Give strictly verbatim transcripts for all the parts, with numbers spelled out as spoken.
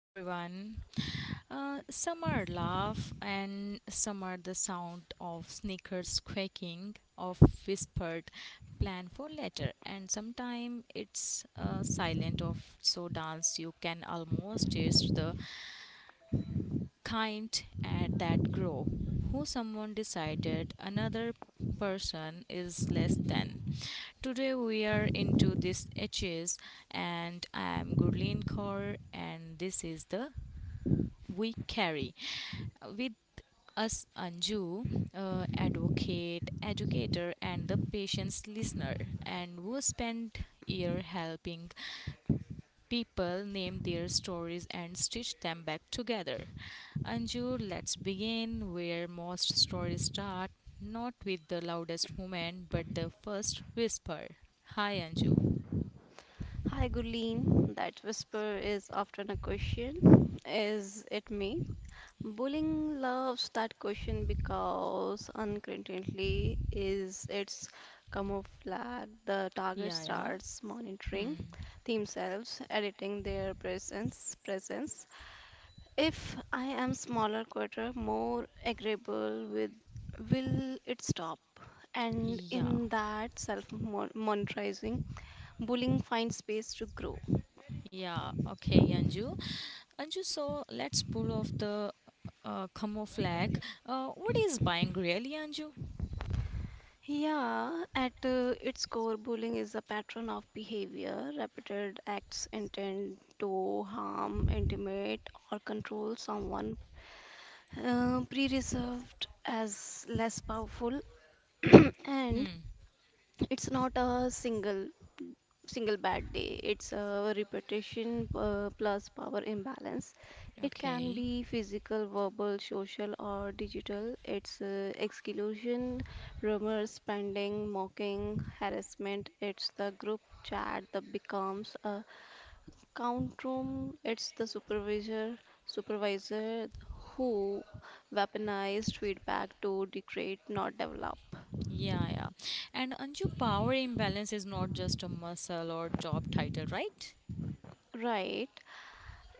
everyone. Uh, some are laugh and some are the sound of sneakers quaking, of whispered plan for later, and sometime it's uh, silent of so dance you can almost taste the kind at that grow. Who someone decided another person is less than. Today we are into this edges, and I am Gurleen Kaur, and this is the we carry. With us, Anju, uh, advocate, educator, and the patient's listener, and who spent year helping people name their stories and stitch them back together. Anju, let's begin where most stories start, not with the loudest moment, but the first whisper. Hi, Anju. Hi, Gurleen. That whisper is often a question. Is it me? Bullying loves that question because unconsciously is its camouflage. The target Yeah, yeah. starts monitoring Hmm. themselves, editing their presence. Presence. If I am smaller, quieter, more agreeable with, will it stop? And Yeah. in that self-monetizing, bullying finds space to grow. Yeah. Okay, Anju. Anju, so let's pull off the uh, camouflage. Uh, what is buying really, Anju? Yeah, at uh, its core, bullying is a pattern of behavior, repeated acts intended to harm, intimidate, or control someone, uh, pre-reserved as less powerful, and Hmm. it's not a single single bad day. It's a repetition uh, plus power imbalance. It can Okay. be physical, verbal, social, or digital. It's uh, exclusion, rumors, spending, mocking, harassment. It's the group chat that becomes a count room. It's the supervisor, supervisor who weaponized feedback to degrade, not develop. Yeah, yeah. And Anju, power imbalance is not just a muscle or job title, right? Right.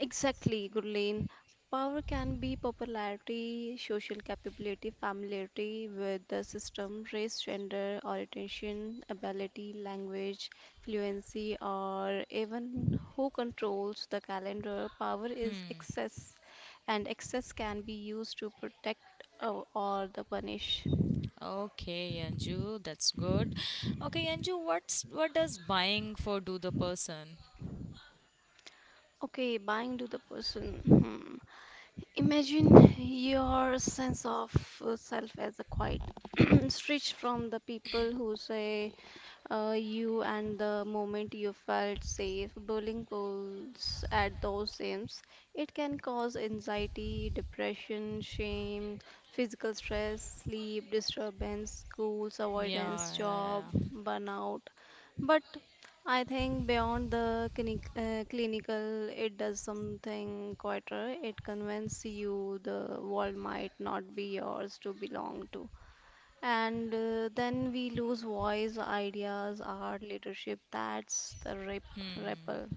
Exactly, Gurleen. Power can be popularity, social capability, familiarity with the system, race, gender, orientation, ability, language, fluency, or even who controls the calendar. Power is excess, and excess can be used to protect uh, or the punish. Okay, Anju, that's good. Okay, Anju, what's what does buying for do the person? Okay, buying to the person. Hmm. Imagine your sense of uh, self as a quiet stretch from the people who say uh, you and the moment you felt safe, bullying pulls at those sims. It can cause anxiety, depression, shame, physical stress, sleep disturbance, schools Yeah, avoidance, yeah, yeah, job yeah. burnout. But I think beyond the clinic, uh, clinical, it does something quieter. It convinces you the world might not be yours to belong to. And uh, then we lose voice, ideas, art, leadership. That's the rip, Hmm. ripple.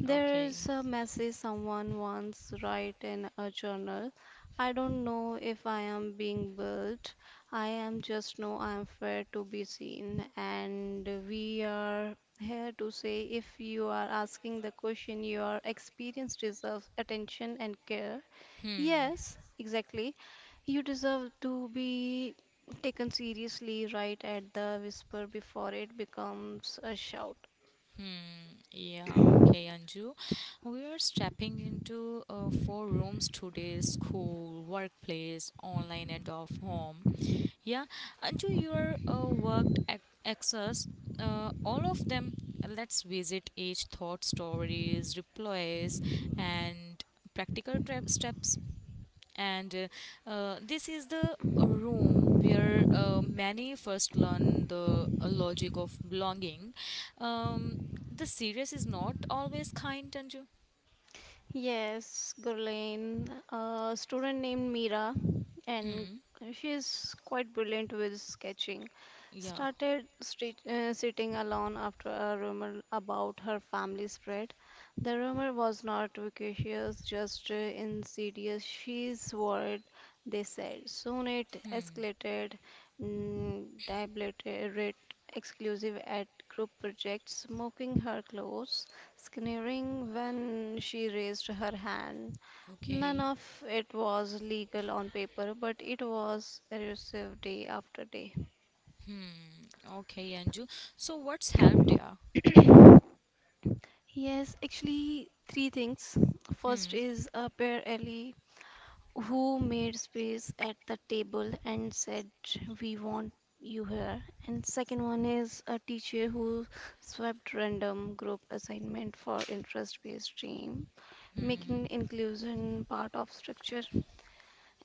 There Okay. is a message someone once write in a journal. I don't know if I am being built. I am just know I am fair to be seen. And we are here to say if you are asking the question, your experience deserves attention and care. Hmm. Yes, exactly. You deserve to be taken seriously right at the whisper before it becomes a shout. Yeah, okay, Anju. We are stepping into uh, four rooms today: school, workplace, online, and off home. Yeah, Anju, your uh, worked ac- access, uh, all of them. Let's visit each thought stories, replies, and practical tra- steps, and uh, uh, this is the room where uh, many first learn the uh, logic of belonging, um, the serious is not always kind, Anju. Yes, Gurleen, a student named Mira, and Hmm. she's quite brilliant with sketching. Yeah. Started street, uh, sitting alone after a rumor about her family spread. The rumor was not vicious, just uh, insidious. She's worried, they said. Soon it escalated, mm, dilated, exclusive at group projects, mocking her clothes sneering when she raised her hand. None Okay. of it was legal on paper, but it was elusive day after day. Okay, Anju, so what's helped? Yeah. Yes, actually, three things. First Hmm. is a pair Ellie who made space at the table and said, we want you here. And second one is a teacher who swapped random group assignment for interest based stream, making inclusion part of structure.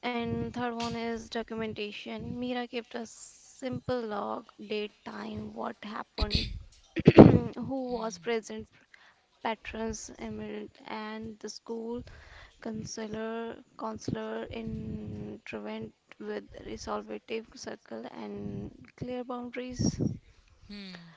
And third one is documentation. Mira kept a simple log, date, time, what happened, who was present, patrons, emerald, and the school counselor, counselor intervened with resolvative circle and clear boundaries. Hmm.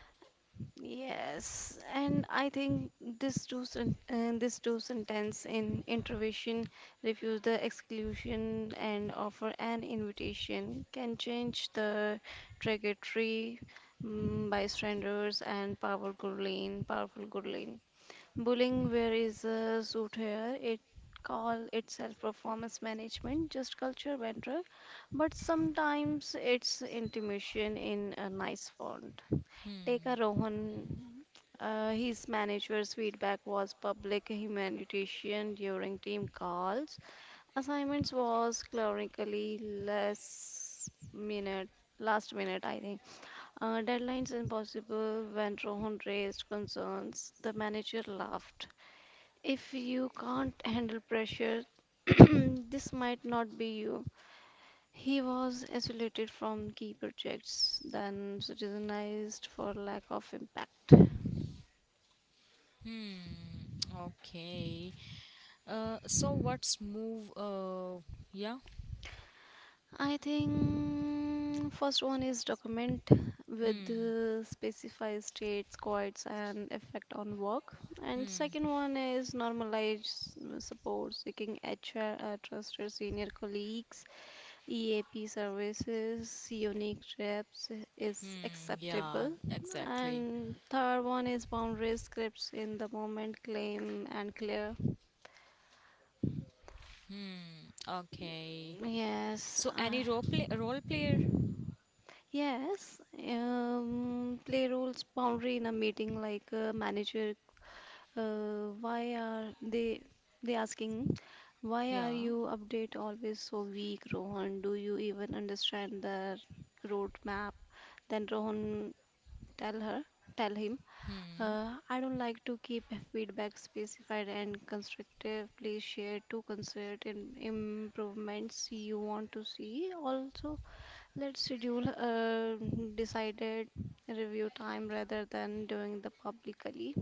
Yes, and I think this two sen- uh, this two sentence in intervention refuse the exclusion and offer an invitation can change the trajectory mm, bystanders and powerful lane powerful good lane. Bullying where is a suit here it call itself performance management just culture vendor but sometimes it's intimation in a nice form. Take a Rohan. Uh, his manager's feedback was public humanitarian during team calls. Assignments was clerically less minute, last minute, I think. Uh, deadlines impossible when Rohan raised concerns. The manager laughed. If you can't handle pressure, this might not be you. He was isolated from key projects, then citizenized for lack of impact. Hmm. Okay. uh, so what's move uh, yeah. I think first one is document with Hmm. uh, specify states, quotes, and effect on work. And second Hmm. one is normalize uh, support, seeking H R, uh, trusted senior colleagues, E A P services, unique reps is Hmm. Yeah, acceptable. exactly. And third one is boundary scripts in the moment, claim and clear. Hmm. Okay. Yes, So uh, any role play role player? Yes, um, play roles boundary in a meeting like a manager. Uh, why are they they asking why are Yeah. you update always so weak, Rohan? Do you even understand the roadmap? Then Rohan tell her, tell him, Hmm. uh, I don't like to keep feedback specified and constructive. Please share two concert in improvements you want to see. Also, let's schedule a decided review time rather than doing the publicly.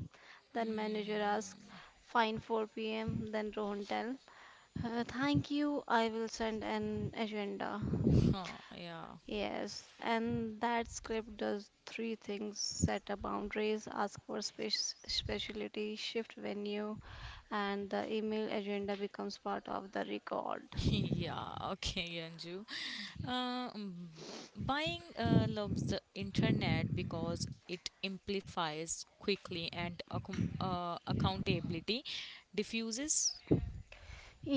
Then manager asks, Hmm. fine four p m. Then Rohan tell, "Uh, thank you, I will send an agenda." Huh, yeah. Yes, and that script does three things set a boundaries, ask for spec- specialty, shift venue, and the email agenda becomes part of the record. Yeah. Okay, Anju. Uh, mm, Buying uh, loves the internet because it amplifies quickly and accom- uh, accountability diffuses.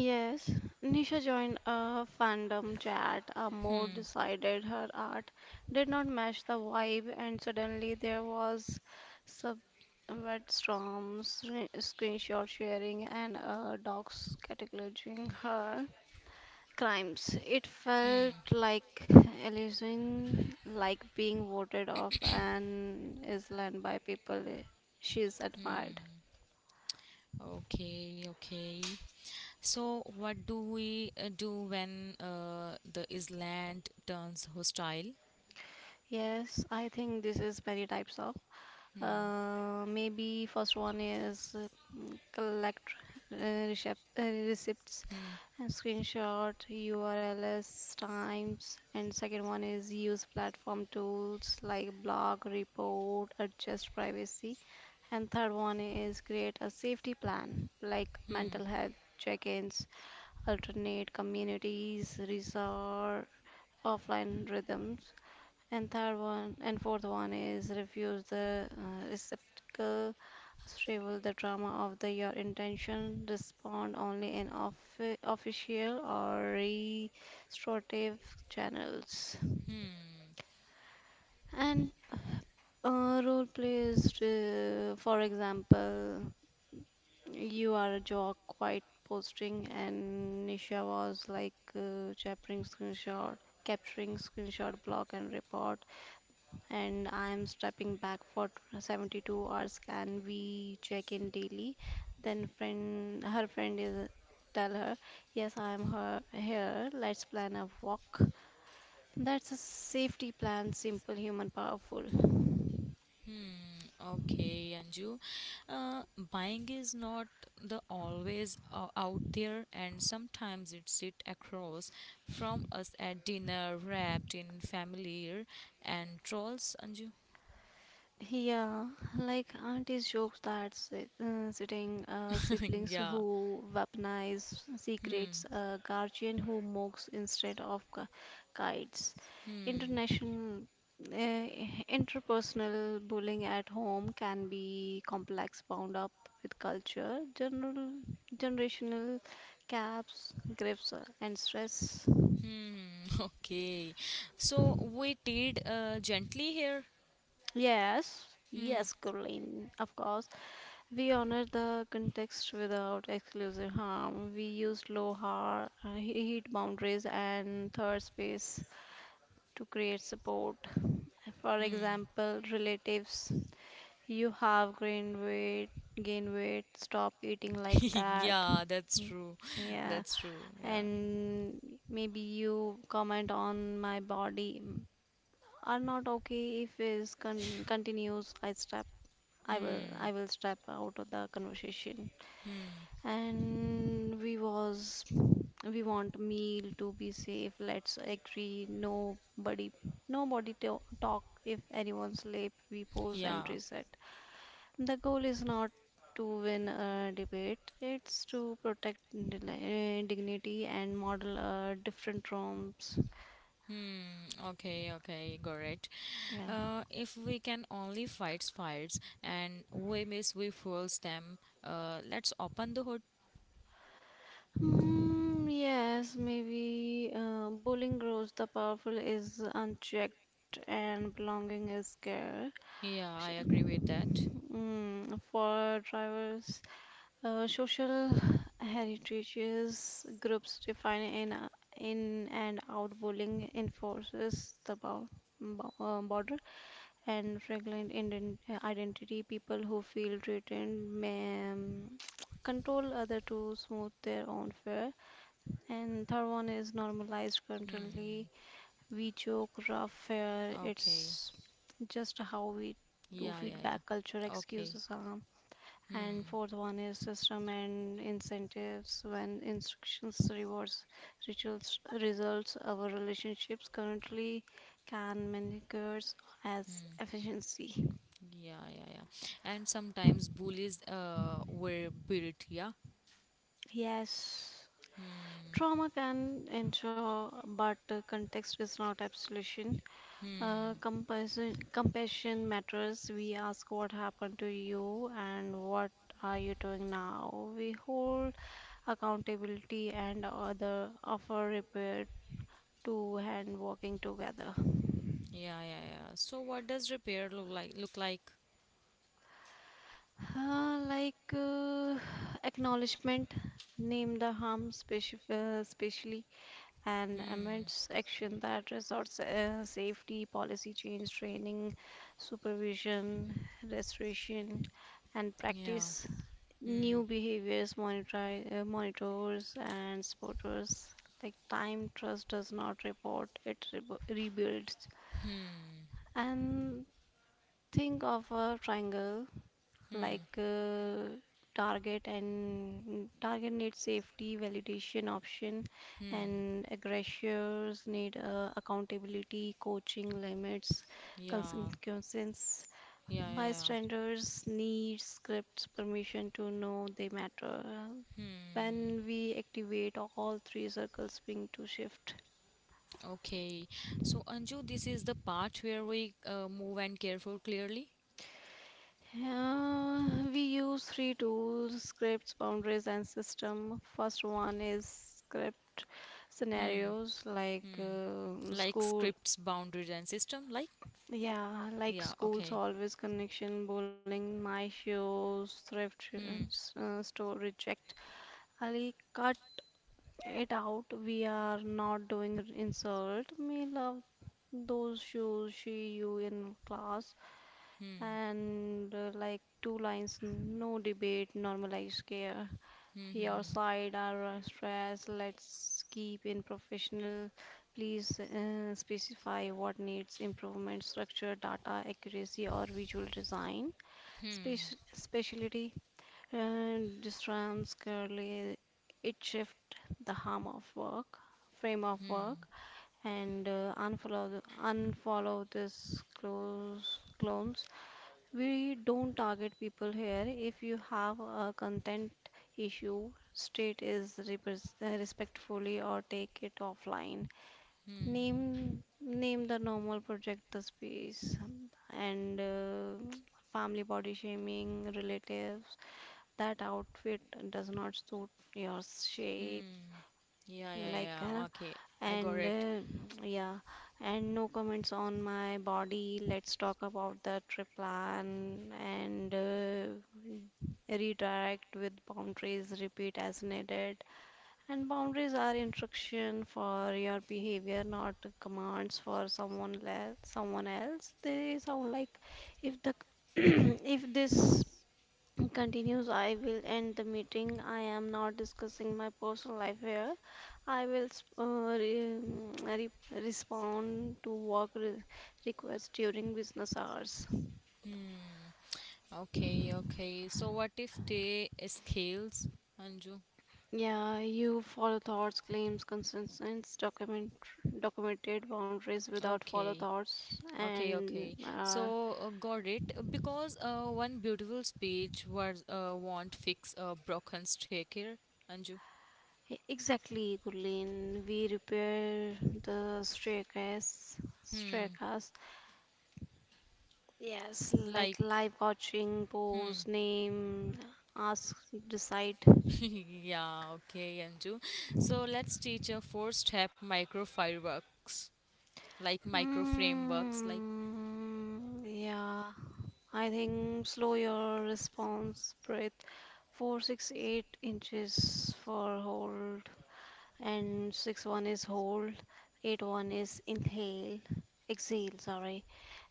Yes, Nisha joined a fandom chat. A more Hmm. decided her art did not match the vibe, and suddenly there was subwet storms, re- screenshot sharing, and uh, dogs categorizing her crimes. It felt like Elysian, like being voted off an island by people she's admired. Okay, okay. So, what do we uh, do when uh, the island turns hostile? Yes, I think this is many types of. Uh, maybe first one is uh, mm, collect uh, recep- uh, receipts Hmm. and screenshot U R Ls times, and second one is use platform tools like blog, report, adjust privacy, and third one is create a safety plan like Hmm. mental health check-ins, alternate communities, resort, offline rhythms, and third one and fourth one is refuse the uh, receptacle. Shrivel the drama of the your intention. Respond only in offi- official or restorative channels. Hmm. And uh, role plays, uh, for example, you are a jock, quite posting, and Nisha was like uh, capturing screenshot, capturing screenshot, block, and report, and I am stepping back for seventy-two hours. Can we check in daily? Then friend, her friend is tell her, yes, I am her here. Let's plan a walk. That's a safety plan, simple, human, powerful. Okay, Anju. Uh, Buying is not the always uh, out there, and sometimes it sit across from us at dinner, wrapped in familiar and trolls, Anju. Yeah, like aunties jokes that si- uh, sitting uh, siblings Yeah. who weaponize secrets, a guardian who mocks instead of gu- guides, Hmm. international uh, interpersonal bullying at home can be complex, bound up with culture, general generational gaps, grips, uh, and stress. Hmm. Okay. So we did uh, gently here. Yes, Hmm. yes, Caroline, of course. We honor the context without exclusive harm. We use low har- uh, he- heat boundaries and third space to create support. For Hmm. example, relatives, you have gained weight, gain weight, stop eating like that. Yeah, that's Mm, true. Yeah, That's true. Yeah. and maybe you comment on my body mm, are not okay if is con- continues. I step, I will, Hmm. I will step out of the conversation. Hmm. And we was we want meal to be safe, let's agree nobody nobody to talk, if anyone sleep we pause and Yeah. reset. The goal is not to win a debate, it's to protect deli- uh, dignity and model uh, different norms. Hmm. Okay. Okay. Got it. Yeah, Uh, if we can only fight fires and we miss we fuels them, uh, let's open the hood. mm, yes maybe uh, bullying grows the powerful is unchecked and belonging is scarce. Yeah, I agree with that. Mm, for drivers, uh, social heritages groups define in uh, in and out, bowling enforces the bound, bo- uh, border and fragrant ident- uh, identity. People who feel threatened may um, control other to smooth their own fare. And third one is normalized currently. Hmm. We joke rough fare. Okay. It's just how we do Yeah, yeah, feedback culture yeah. Okay. excuses are and Hmm. fourth one is system and incentives. When instructions, rewards, rituals, results, our relationships currently can managers as Hmm. efficiency. Yeah, yeah, yeah. And sometimes bullies uh were built. Yeah. Yes, Hmm. trauma can ensure, but uh, context is not absolution. Uh, Hmm. compassion, compassion matters. We ask what happened to you and what are you doing now. We hold accountability and other offer repair two hand walking together. Yeah, yeah, yeah. So what does repair look like? Look like? Uh, like uh, acknowledgement, name the harm speci uh, specially, and Hmm. amends action that resorts uh, safety, policy change, training, supervision, restoration, and Yeah. practice new Hmm. behaviors, monitor, uh, monitors, and supporters. Like time, trust does not report, it rebu rebuilds. Hmm. And think of a triangle like Hmm. uh, target and target needs safety validation option Hmm. and aggressors need uh, accountability coaching limits Yeah. consequences, Yeah, yeah, yeah. bystanders need scripts permission to know they matter. Hmm. When we activate all three circles being to shift. Okay. So, Anju, this is the part where we uh, move and care for clearly, Uh, we use three tools scripts, boundaries, and system. First one is script scenarios like um like school. scripts, boundaries, and system. Like, Yeah, like yeah. schools Okay. always connection, bowling, my shoes, thrift sh- Hmm. s- uh, store reject. Ali cut it out. We are not doing r- insult. Me love those shoes she you in class Hmm. and uh, like two lines, no debate, normalized care. Hmm. Your Hmm. side are uh, stress, let's keep in professional. Please uh, specify what needs improvement, structure, data accuracy or visual design. Speci- specialty and disrupts currently. It shift the harm of work frame of work and uh, unfollow the- unfollow this close clones. We don't target people here. If you have a content issue, state is repres- uh, respectfully or take it offline. Hmm. Name name the normal project the space and uh, family body shaming relatives. That outfit does not suit your Hmm. shape Hmm. Yeah. Yeah. like Yeah. huh? Okay. I got And it. uh, yeah, and no comments on my body. Let's talk about the trip plan and uh, redirect with boundaries, repeat as needed. And boundaries are instruction for your behavior, not commands for someone le someone else. They sound like, if the if this continues, I will end the meeting. I am not discussing my personal life here. I will sp- uh, re- mm, re- respond to work re- requests during business hours. Hmm. Okay. Okay. So, what if they scales, Anju? Yeah, you follow thoughts claims consensus document documented boundaries without follow Okay. thoughts Okay, and okay. uh, So uh, got it. Uh, Because uh, one beautiful speech was uh, won't fix a broken staircase, Anju. e- exactly, Gurleen, we repair the staircase Hmm. staircase Yes, like Like. live coaching, pose, Hmm. name, ask, decide. Yeah. Okay, Anju. So let's teach a four-step micro fireworks, like micro frameworks, like. Mm, yeah, I think slow your response, breath. Four, six, eight inches for hold, and six one is hold, eight one is inhale, exhale. Sorry.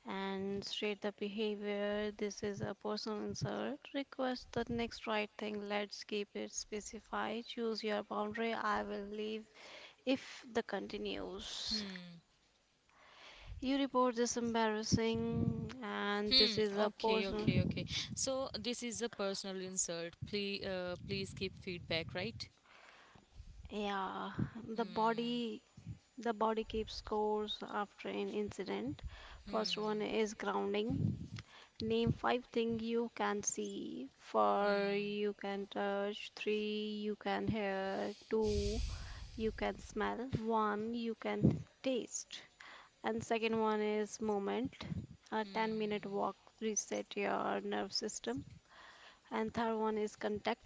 And straight the behavior. This is a personal insult. Request the next right thing. Let's keep it specified. Choose your boundary. I will leave if the continues. Hmm. You report this embarrassing, and this Hmm. is a Okay. personal. Okay. Okay. So this is a personal insult. Please, uh, please keep feedback, right? Yeah, the Hmm. body. The body keeps scores after an incident. First one Hmm. is grounding. Name five things you can see. Four, Hmm. you can touch. Three, you can hear. Two, you can smell. One, you can taste. And second one is moment. A ten minute Hmm. walk reset your nerve system. And third one is contact.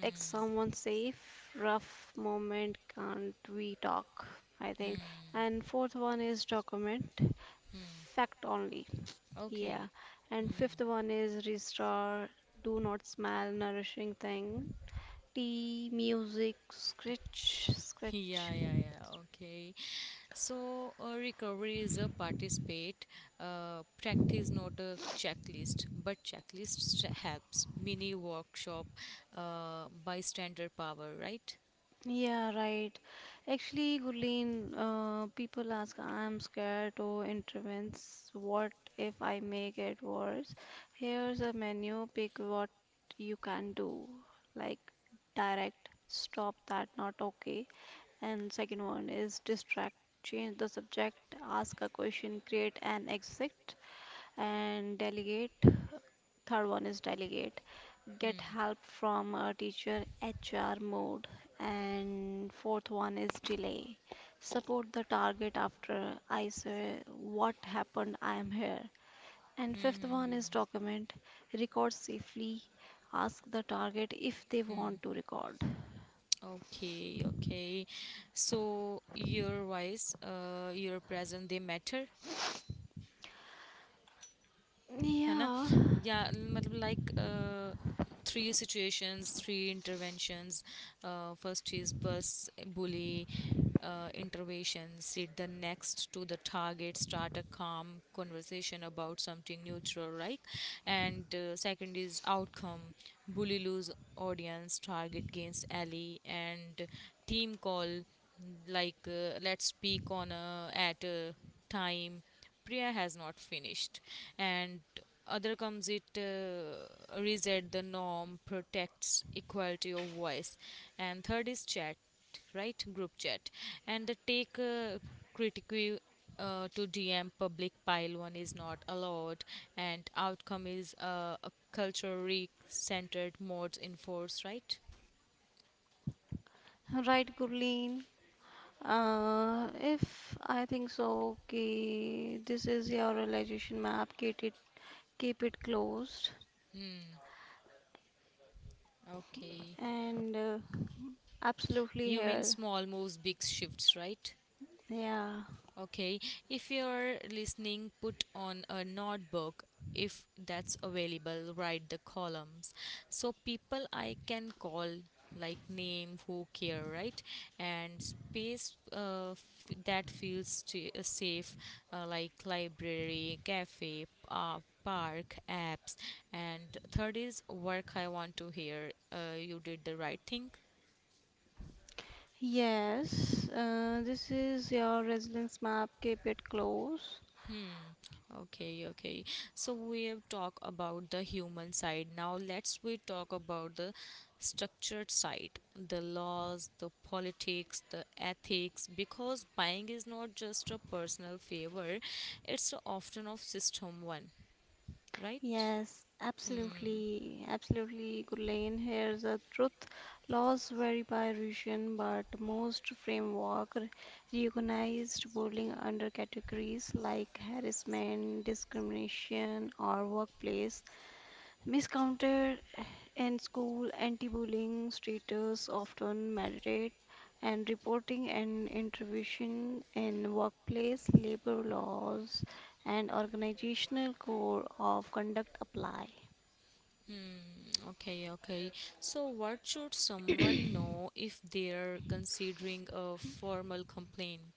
Text someone safe. Rough moment can't we talk? I think. And fourth one is document. Fact only. Okay. Yeah. And fifth one is restore, do not smell nourishing thing. Tea, music, scratch, Yeah, scratch. yeah, yeah. Okay. So, uh, recovery is a participate, uh, practice, not a checklist. But checklist st- helps. Mini workshop, uh, bystander power, right? Yeah, right. Actually, Gurleen, uh, people ask, I'm scared to intervenes. What if I make it worse? Here's a menu. Pick what you can do. Like direct, stop that, not okay. And second one is distract, change the subject, ask a question, create an exit, and delegate. Third one is delegate, get help from a teacher, H R mode. And fourth one is delay, support the target after I say what happened, I am here. And fifth one is document, record safely, ask the target if they want to record. Okay, okay. So, your voice, uh, your presence, they matter. है ना Yeah, या मतलब like three situations three interventions first चीज बस bully uh, intervention sit the next to the target, start a calm conversation about something neutral, right? And uh, second is outcome: bully lose audience, target gains ally. And team call, like uh, let's speak on a at a time. Priya has not finished. And other comes it uh, reset the norm, protects equality of voice. And third is chat, right? Group chat. And the take uh, critique uh, to D M, public pile one is not allowed. And outcome is uh, a culturally centered modes enforced, right? right, Gurleen. Uh, if I think so, okay, this is your realization map. Keep it, keep it closed, Okay. and uh, absolutely You mean here. small moves, big shifts, right? Yeah. Okay, if you're listening, put on a notebook if that's available, write the columns. So, people I can call, like name, who care, right? And space uh, f- that feels st- uh, safe, uh, like library, cafe, uh, park, apps. And third is work I want to hear. Uh, you did the right thing. Yes. Uh, this is your resilience map. Keep it closed. Hmm. Okay, okay. So we have talked about the human side. Now let's we talk about the structured side, the laws, the politics, the ethics, because buying is not just a personal favor, it's often of system one, right? Yes, absolutely, absolutely, Gurlain. Here's the truth. Laws vary by region, but most framework recognized bullying under categories like harassment, discrimination, or workplace miscounted in school, anti bullying status often mandate and reporting and intervention in workplace, labor laws, and organizational code of conduct apply. Hmm, okay, okay. So what should someone know if they're considering a formal complaint?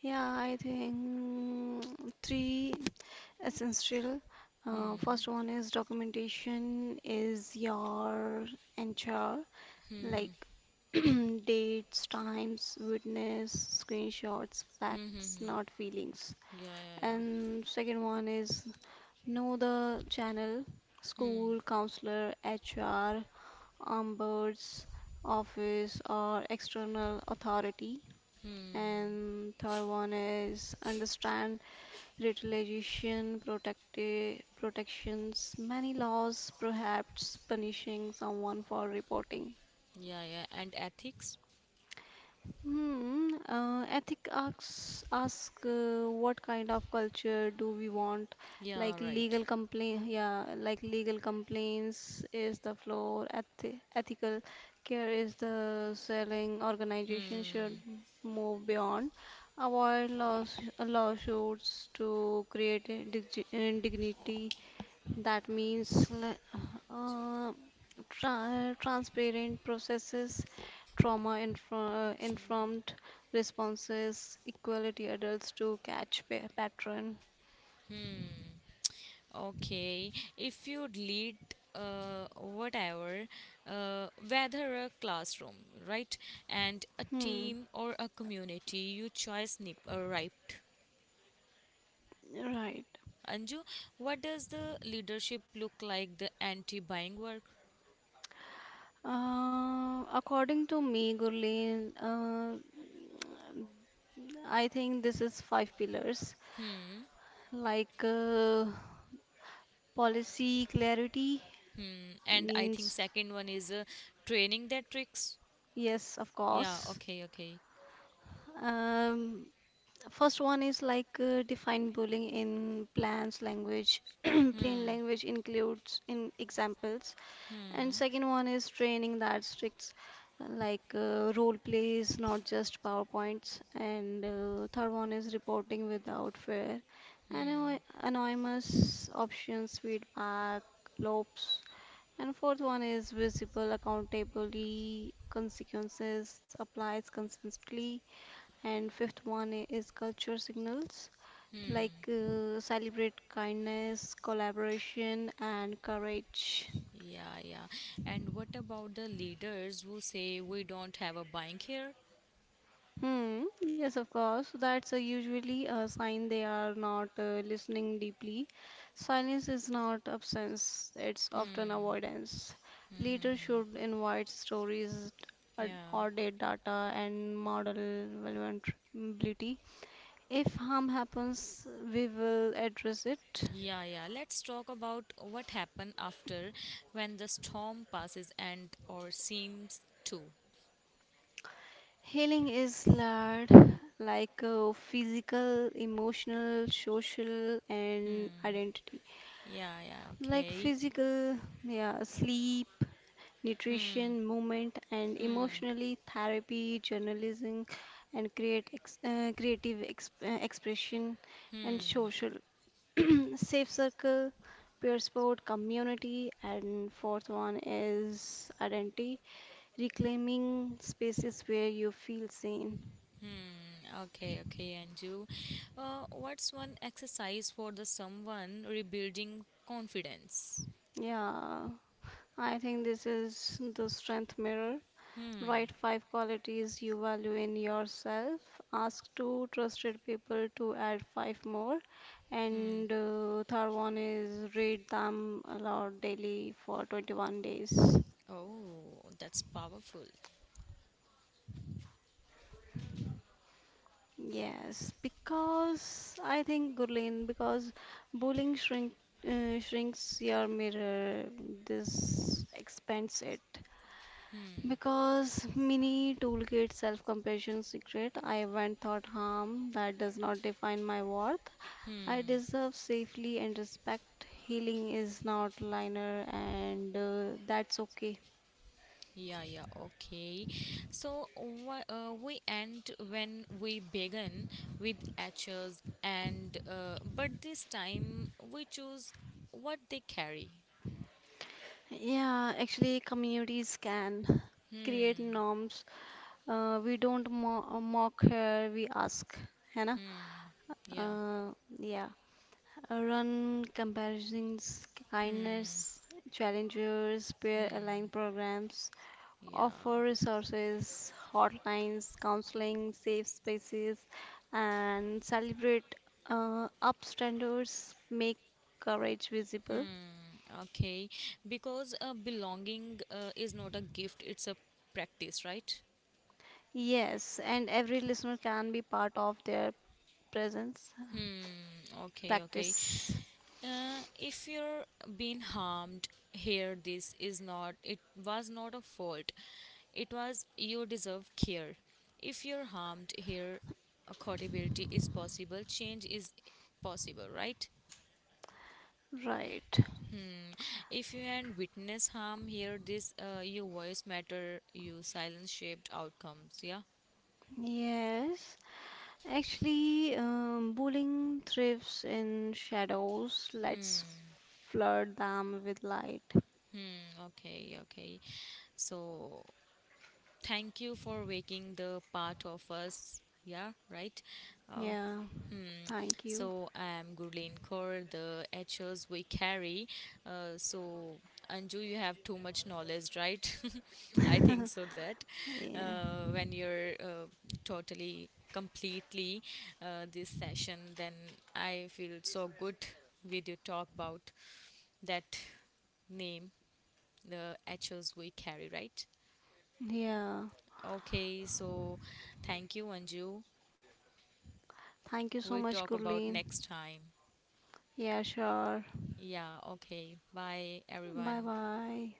Yeah, I think three essential. Uh, Hmm, first one is documentation is your H R, like hmm, dates, times, witness, screenshots, hmm, hmm, facts, hmm. not feelings. Yeah, yeah, yeah. And second one is know the channel, Hmm, school, counselor, H R, ombuds, office, or external authority. hmm. And third one is understand retaliation, protective protections. Many laws prohibits punishing someone for reporting. Yeah, yeah. And ethics? Hmm, uh, ethic asks ask uh, what kind of culture do we want? Yeah, Like right. legal complaint, yeah, like legal complaints is the floor. Eth ethical care is the selling. Organization should Hmm. move beyond avoid laws lawsuits to create a dig- dignity, that means le- uh, tra- transparent processes, trauma inform- Sure. informed responses, equality adults to catch pa- pattern. Hmm. Okay. If you lead uh, whatever, uh, whether a classroom, right, and a Hmm, team or a community, you choice nip uh, right. right. Anju, what does the leadership look like? The anti-buying work. Uh, according to me, Gurleen, uh, I think this is five pillars, like uh, policy clarity Hmm. And I think means second one is uh, training their tricks. yes, of Yeah. course. Okay. Okay. Um, first one is like uh, define bullying in plans language. Plain language includes in examples. And second one is training that restricts uh, like uh, role plays, not just PowerPoints. And uh, third one is reporting without fear. Ano anonymous options, feedback, loops. And fourth one is visible, accountably consequences, applies consistently, and fifth one i- is culture signals, like uh, celebrate kindness collaboration and courage. Yeah, yeah. And what about the leaders who say we don't have a bank here? Hmm, yes, of course, that's a usually a sign they are not uh, listening deeply. Silence is not absence, it's often avoidance. Leaders should invite stories, ad- Yeah. audit data and model vulnerability. If harm happens, we will address it. Yeah, yeah. Let's talk about what happened after when the storm passes, and or seems to. Healing is layered, like uh, physical, emotional, social, and identity. Yeah, yeah, Like okay. physical, yeah, sleep, nutrition, movement, and emotionally, therapy, journalism, and create ex- uh, creative ex- uh, expression, and social, safe circle, peer support, community, and fourth one is identity, reclaiming spaces where you feel seen. Hmm, okay, okay, Anju. Uh, what's one exercise for the someone rebuilding confidence? Yeah, I think this is the strength mirror. Hmm. Write five qualities you value in yourself. Ask two trusted people to add five more. And uh, third one is read them aloud daily for twenty-one days. Oh, that's powerful. Yes, because I think Gurleen, because bullying shrink uh, shrinks your mirror, this expands it. Because mini toolkit self compassion secret, I went thought harm that does not define my worth. I deserve safely and respect. Healing is not linear, and uh, that's okay. Yeah, yeah, okay. So wha- uh, we end when we begin with etchers, and uh, but this time we choose what they carry. Yeah, actually, communities can create norms. Uh, we don't mo- uh, mock here, we ask. है ना? Hmm. Yeah. Uh, yeah. Uh, run comparisons, Hmm. kindness, challengers, peer aligned programs. Yeah. Offer resources, hotlines, counseling, safe spaces, and celebrate uh, upstanders, make courage visible. Hmm. Okay. Because uh, belonging uh, is not a gift; it's a practice, right? Yes, and every listener can be part of their presence Hmm. Okay. Okay. practice. Uh, if you're being harmed here, this is not, it was not a fault. It was you deserve care. If you're harmed here, accountability is possible, change is possible, right? Right. If you and witness harm here, this uh, your voice matter, you silence shaped outcomes. Yeah. Yes. Actually, um, bullying thrives in shadows. Let's flood them with light. Mm, okay. Okay. So thank you for waking the part of us. Yeah. Right. Uh, Yeah. Thank you. So I'm Gurleen Kaur, the H O s we carry. Uh, so Anju, you have too much knowledge, right? I think Yeah. so that uh, when you're uh, totally, completely uh, this session, then I feel so good with your talk about that name, the H O s we carry, right? Yeah. Okay, so thank you, Anju. Thank you so We much, talk about Gurleen. next time. Yeah, sure. Yeah, okay. Bye, Bye everyone. bye.